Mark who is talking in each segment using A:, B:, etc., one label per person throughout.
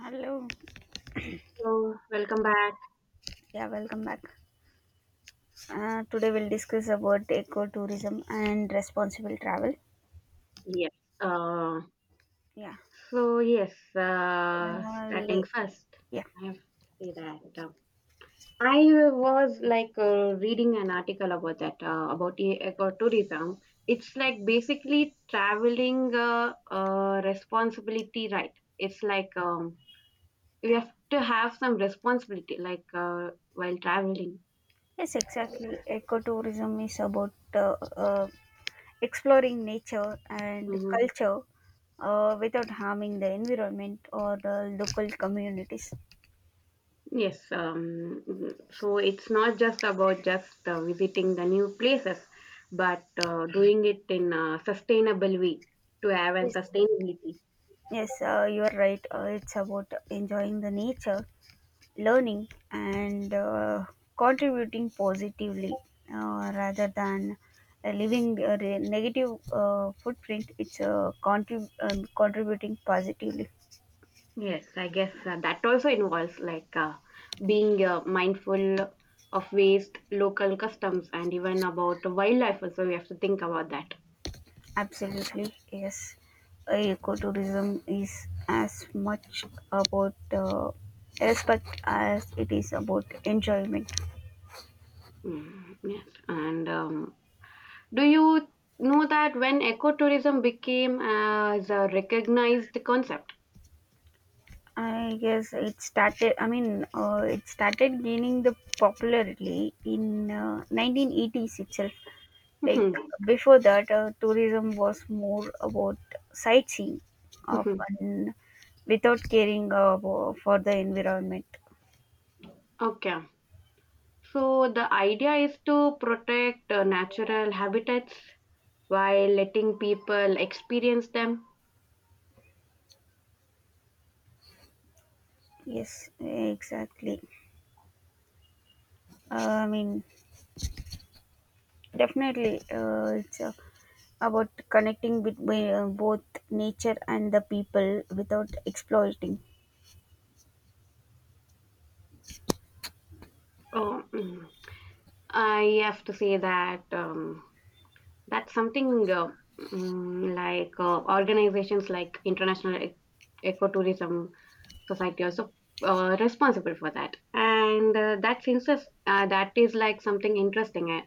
A: Hello,
B: So, welcome back.
A: yeah, welcome back. Today we'll discuss about ecotourism and responsible travel.
B: Yes. Uh,
A: Yeah.
B: so, yes,
A: Uh,
B: starting
A: le-
B: first,
A: yeah,
B: I have to say that I was like reading an article about that, about eco tourism. It's like basically traveling responsibility, right? It's like we have to have some responsibility, like while traveling.
A: yes, exactly. Ecotourism is about uh, exploring nature and
B: Mm-hmm.
A: culture without harming the environment or the local communities.
B: Yes, so it's not just about just visiting the new places, but doing it in a sustainable way to have and
A: Yes,
B: sustainability.
A: yes, you are right. It's about enjoying the nature learning and contributing positively rather than leaving a negative footprint. Contributing positively,
B: Yes, I guess that also involves like being mindful of waste, local customs, and even about the wildlife. Also, we have to think about that.
A: absolutely, yes. Ecotourism is as much about respect as it is about enjoyment.
B: Yes, and do you know that when ecotourism became as a recognized concept?
A: I guess it started, it started gaining the popularity in 1980s itself. Like
B: Mhm.
A: before that, tourism was more about sightseeing, of
B: Mhm.
A: and without caring for the environment.
B: Okay. So the idea is to protect natural habitats while letting people experience them.
A: Yes, exactly. Uh, I mean, definitely, it's about connecting between both nature and the people without exploiting.
B: Oh, I have to say that that's something like organizations like International Ecotourism Society also responsible for that, and that is like something interesting. Eh.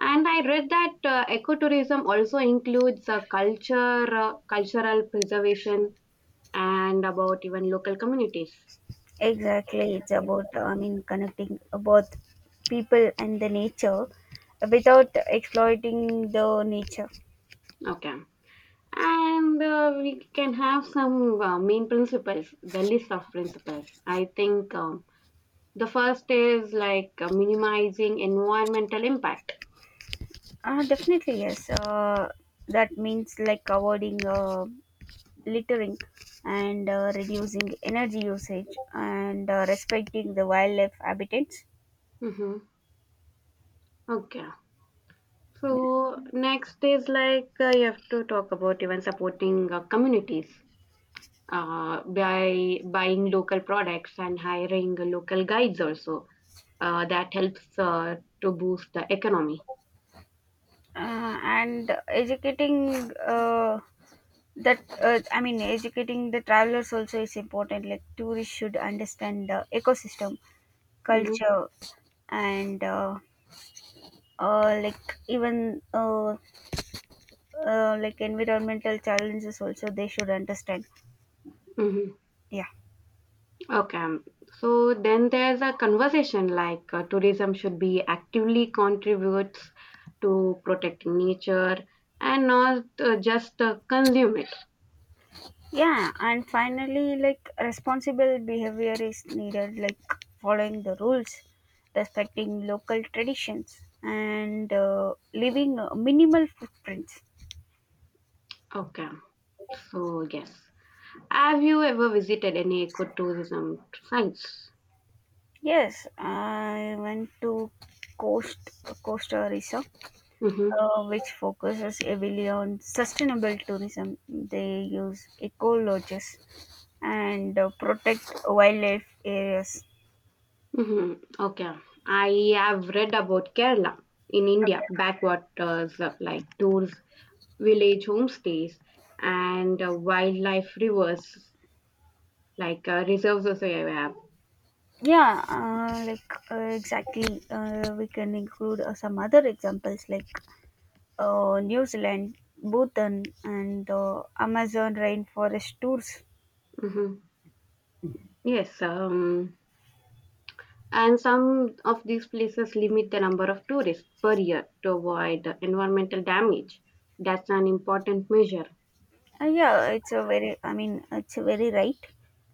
B: And I read that ecotourism also includes cultural preservation and about even local communities.
A: Exactly, it's about I mean connecting both people and the nature without exploiting the nature.
B: Okay. And we can have some main principles, the list of principles. I think the first is like minimizing environmental impact.
A: Definitely, yes. That means like avoiding littering and reducing energy usage and respecting the wildlife habitats.
B: Mm-hmm. Okay.
A: Yeah.
B: So next is like you have to talk about even supporting communities by buying local products and hiring local guides also. That helps to boost the economy.
A: And educating that I mean educating the travelers also is important. Like tourists should understand the ecosystem,
B: Mm-hmm.
A: culture, and uh, like even uh, like environmental challenges also they should understand.
B: Mm-hmm.
A: Yeah.
B: Okay. So then there's a conversation like tourism should be actively contributes to protecting nature and not just consume it.
A: Yeah, and finally, like responsible behavior is needed, like following the rules, respecting local traditions, and leaving minimal footprints.
B: Okay. So, yes. Have you ever visited any ecotourism sites?
A: Yes, I went to Coast Costa Rica,
B: Mm-hmm.
A: which focuses heavily on sustainable tourism. They use eco lodges and protect wildlife areas.
B: Mm-hmm. Okay. I have read about Kerala in India, backwaters like tours, village homestays, and wildlife rivers like reserves also. Yeah.
A: Exactly. We can include some other examples like New Zealand, Bhutan, and Amazon rainforest tours.
B: Mhm. Yes, and some of these places limit the number of tourists per year to avoid environmental damage. That's an important measure.
A: Yeah, it's a very. I mean, it's a very right.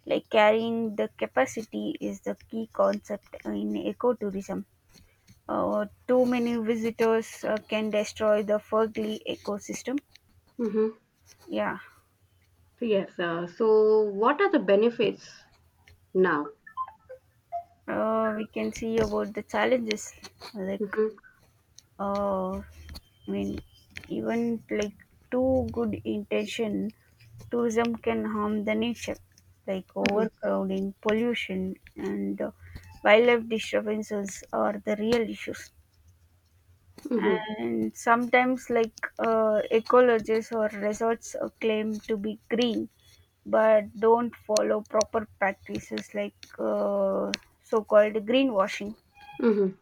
A: Like carrying the capacity is the key concept in ecotourism. Too many visitors can destroy the Fergly ecosystem.
B: Hmm.
A: Yeah,
B: Yes, so what are the benefits now?
A: we can see about the challenges like.
B: Hmm.
A: Uh, I mean, even like too good intention, tourism can harm the nature, like
B: Hmm.
A: overcrowding, pollution, and wildlife disturbances are the real issues.
B: Hmm.
A: And sometimes, ecologists or resorts claim to be green, but don't follow proper practices like so-called greenwashing.
B: Hmm.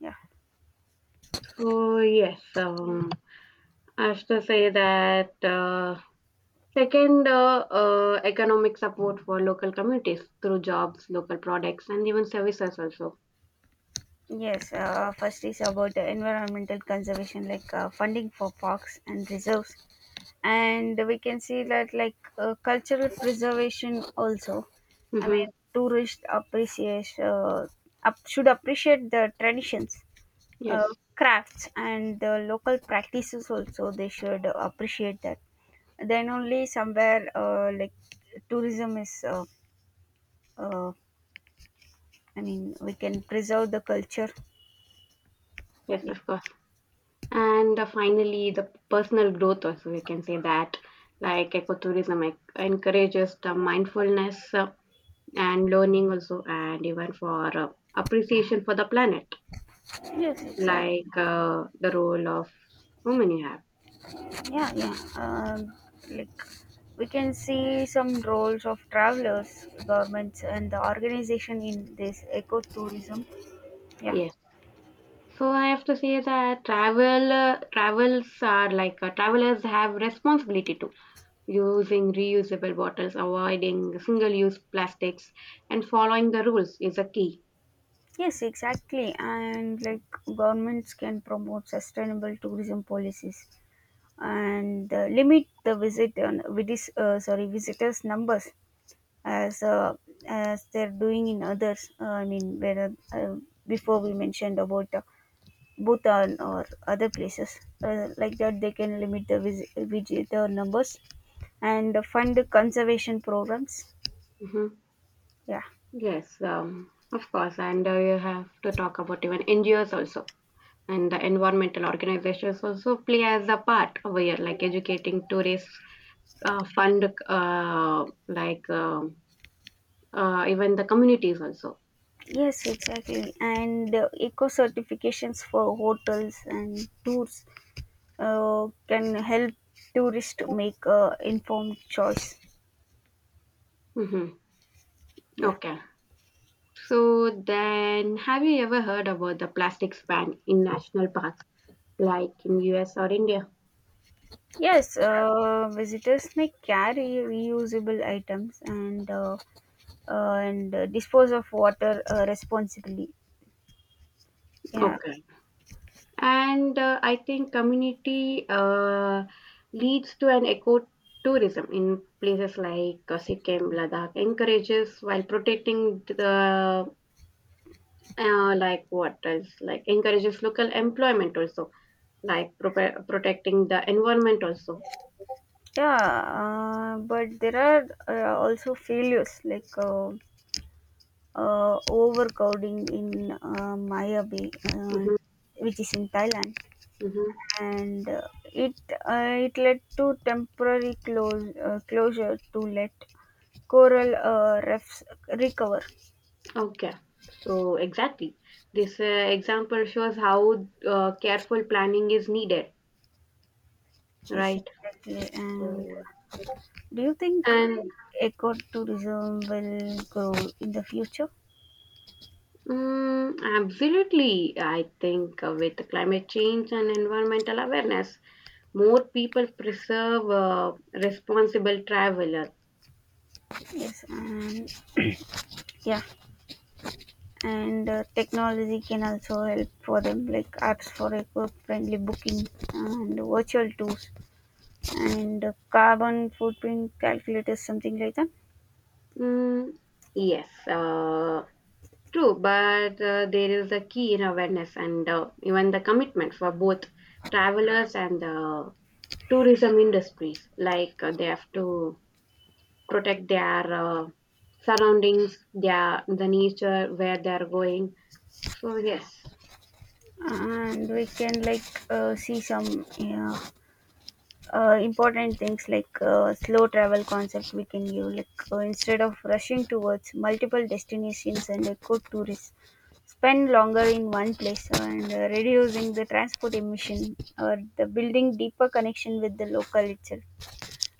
A: Yeah.
B: So, yes, I have to say that second, economic support for local communities through jobs, local products, and even services also.
A: Yes, first is about the environmental conservation, like funding for parks and reserves, and we can see that like cultural preservation also. I
B: Hmm.
A: mean, tourists appreciate should appreciate the traditions, uh,
B: Yes,
A: crafts, and the local practices also. They should appreciate that. Then only somewhere like tourism is. Uh, I mean, we can preserve the culture.
B: yes,
A: Yes,
B: of course. And finally, the personal growth also we can say that like ecotourism encourages the mindfulness and learning also and even for appreciation for the planet,
A: yes, exactly.
B: like the role of women you have.
A: Yeah, yeah. Like we can see some roles of travelers, governments, and the organization in this ecotourism. Yeah.
B: Yes, so I have to say that travel travels are like travelers have responsibility to using reusable bottles, avoiding single use plastics, and following the rules is a key.
A: Yes, exactly. And like governments can promote sustainable tourism policies and limit the visit on sorry visitors numbers as uh, as they're doing in others. I mean, where before we mentioned about Bhutan or other places like that they can limit the visitor numbers and fund conservation programs.
B: Mm-hmm.
A: Yeah.
B: Yes, of course, and you have to talk about even NGOs also, and the environmental organizations also play as a part over here, like educating tourists, fund, like even the communities also.
A: Yes, exactly. And eco certifications for hotels and tours can help tourists to make informed choice.
B: Hmm.
A: Yeah.
B: Okay, so then have you ever heard about the plastics ban in national parks, like in US or India?
A: Yes, visitors may carry reusable items and dispose of water responsibly. Yeah.
B: Okay. And I think community leads to an eco tourism in places like Sikkim, Ladakh, encourages while protecting the like what else, like encourages local employment also, like protecting the environment also.
A: Yeah, but there are also failures like overcrowding in Maya Bay,
B: Mhm.
A: which is in Thailand,
B: Mm-hmm.
A: and it it led to temporary close closure to let coral reefs recover.
B: Okay. So exactly, this example shows how careful planning is needed,
A: Yes,
B: right?
A: exactly. And
B: So,
A: do you think
B: and
A: ecotourism will grow in the future?
B: Absolutely. I think with climate change and environmental awareness, more people preserve responsible traveler.
A: Yes, and yeah. And technology can also help for them, like apps for eco-friendly booking and virtual tools and carbon footprint calculators, something like that.
B: Mm, yes, true, but there is a key in awareness and even the commitment for both travelers and the tourism industries. Like they have to protect their surroundings, the nature where they are going. So, yes.
A: And we can like see some, yeah, important things like slow travel concept, we can give like instead of rushing towards multiple destinations, and eco tourists spend longer in one place and reducing the transport emission or the building deeper connection with the local itself.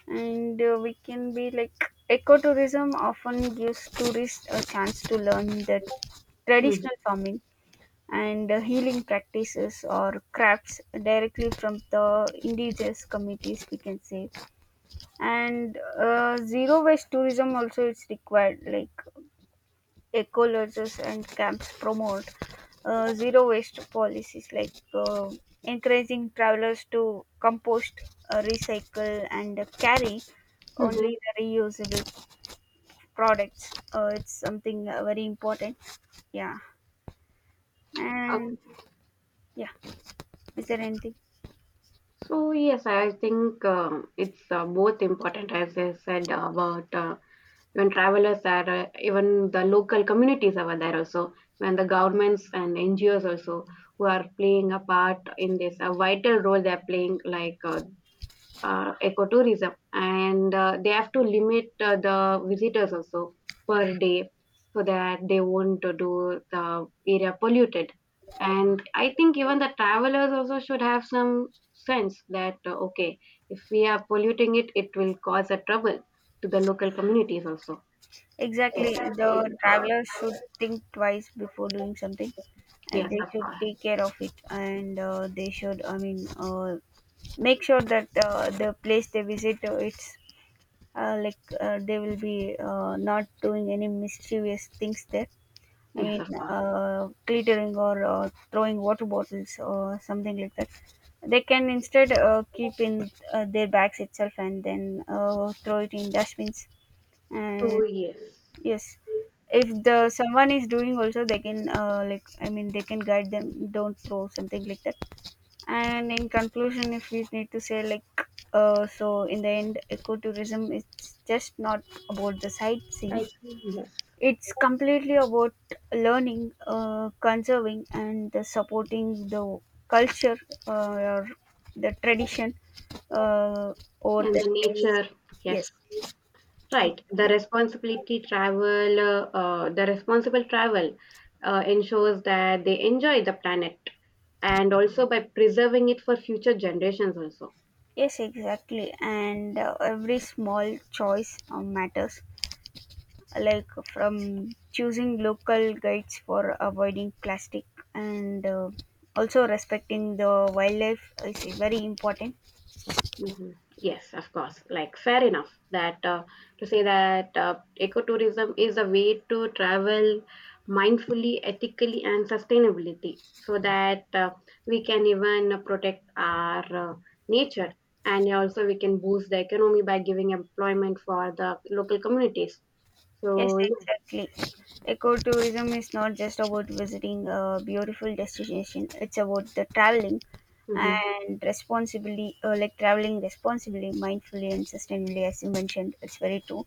A: And we can be like ecotourism often gives tourists a chance to learn the
B: Mm-hmm.
A: traditional farming and healing practices or crafts directly from the indigenous communities, we can say. And zero waste tourism also is required, like eco lodges and camps promote zero waste policies, like encouraging travelers to compost, recycle, and carry only
B: Mm-hmm.
A: the reusable products. It's something very important. Yeah. And yeah, is there anything?
B: So yes, I think it's both important, as I said about when travelers are even the local communities over there also, when the governments and NGOs also who are playing a part in this, a vital role they're playing, like ecotourism, and they have to limit the visitors also per day so that they won't do the area polluted. And I think even the travelers also should have some sense that okay, if we are polluting it will cause a trouble to the local communities also.
A: Exactly, the travelers should think twice before doing something, and
B: Yes,
A: they
B: of
A: should
B: course.
A: take care of it, and they should, I mean, make sure that the place they visit, it's they will be not doing any mischievous things there. I
B: Yes,
A: mean,
B: of course.
A: glittering or throwing water bottles or something like that. They can instead keep in their bags itself and then throw it in dustbins.
B: So
A: And
B: yes,
A: yes, if the someone is doing also they can they can guide them, don't throw something like that. And in conclusion, if we need to say, like so in the end, ecotourism is just not about the sightseeing.
B: I think yes.
A: It's completely about learning, conserving, and supporting the culture or the tradition uh, or the
B: And the
A: place.
B: nature.
A: Yes,
B: Yes. Right. The
A: exactly.
B: the responsible travel ensures that they enjoy the planet and also by preserving it for future generations also.
A: Yes, exactly. And every small choice matters, like from choosing local guides for avoiding plastic and also respecting the wildlife is very important.
B: Mhm. Yes, of course. Like, fair enough that to say that ecotourism is a way to travel mindfully, ethically, and sustainability so that we can even protect our nature, and also we can boost the economy by giving employment for the local communities.
A: Yes,
B: So, yes.
A: exactly. Ecotourism is not just about visiting a beautiful destination, it's about the traveling
B: Hmm.
A: and responsibly, like traveling responsibly, mindfully, and sustainably, as you mentioned. It's very true.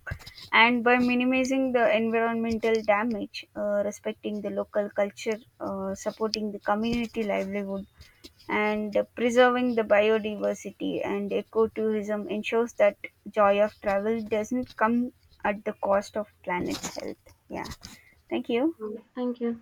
A: And by minimizing the environmental damage, respecting the local culture, supporting the community livelihood, and preserving the biodiversity and ecotourism ensures that joy of travel doesn't come at the cost of planet's health. Yeah, thank you.
B: Thank you.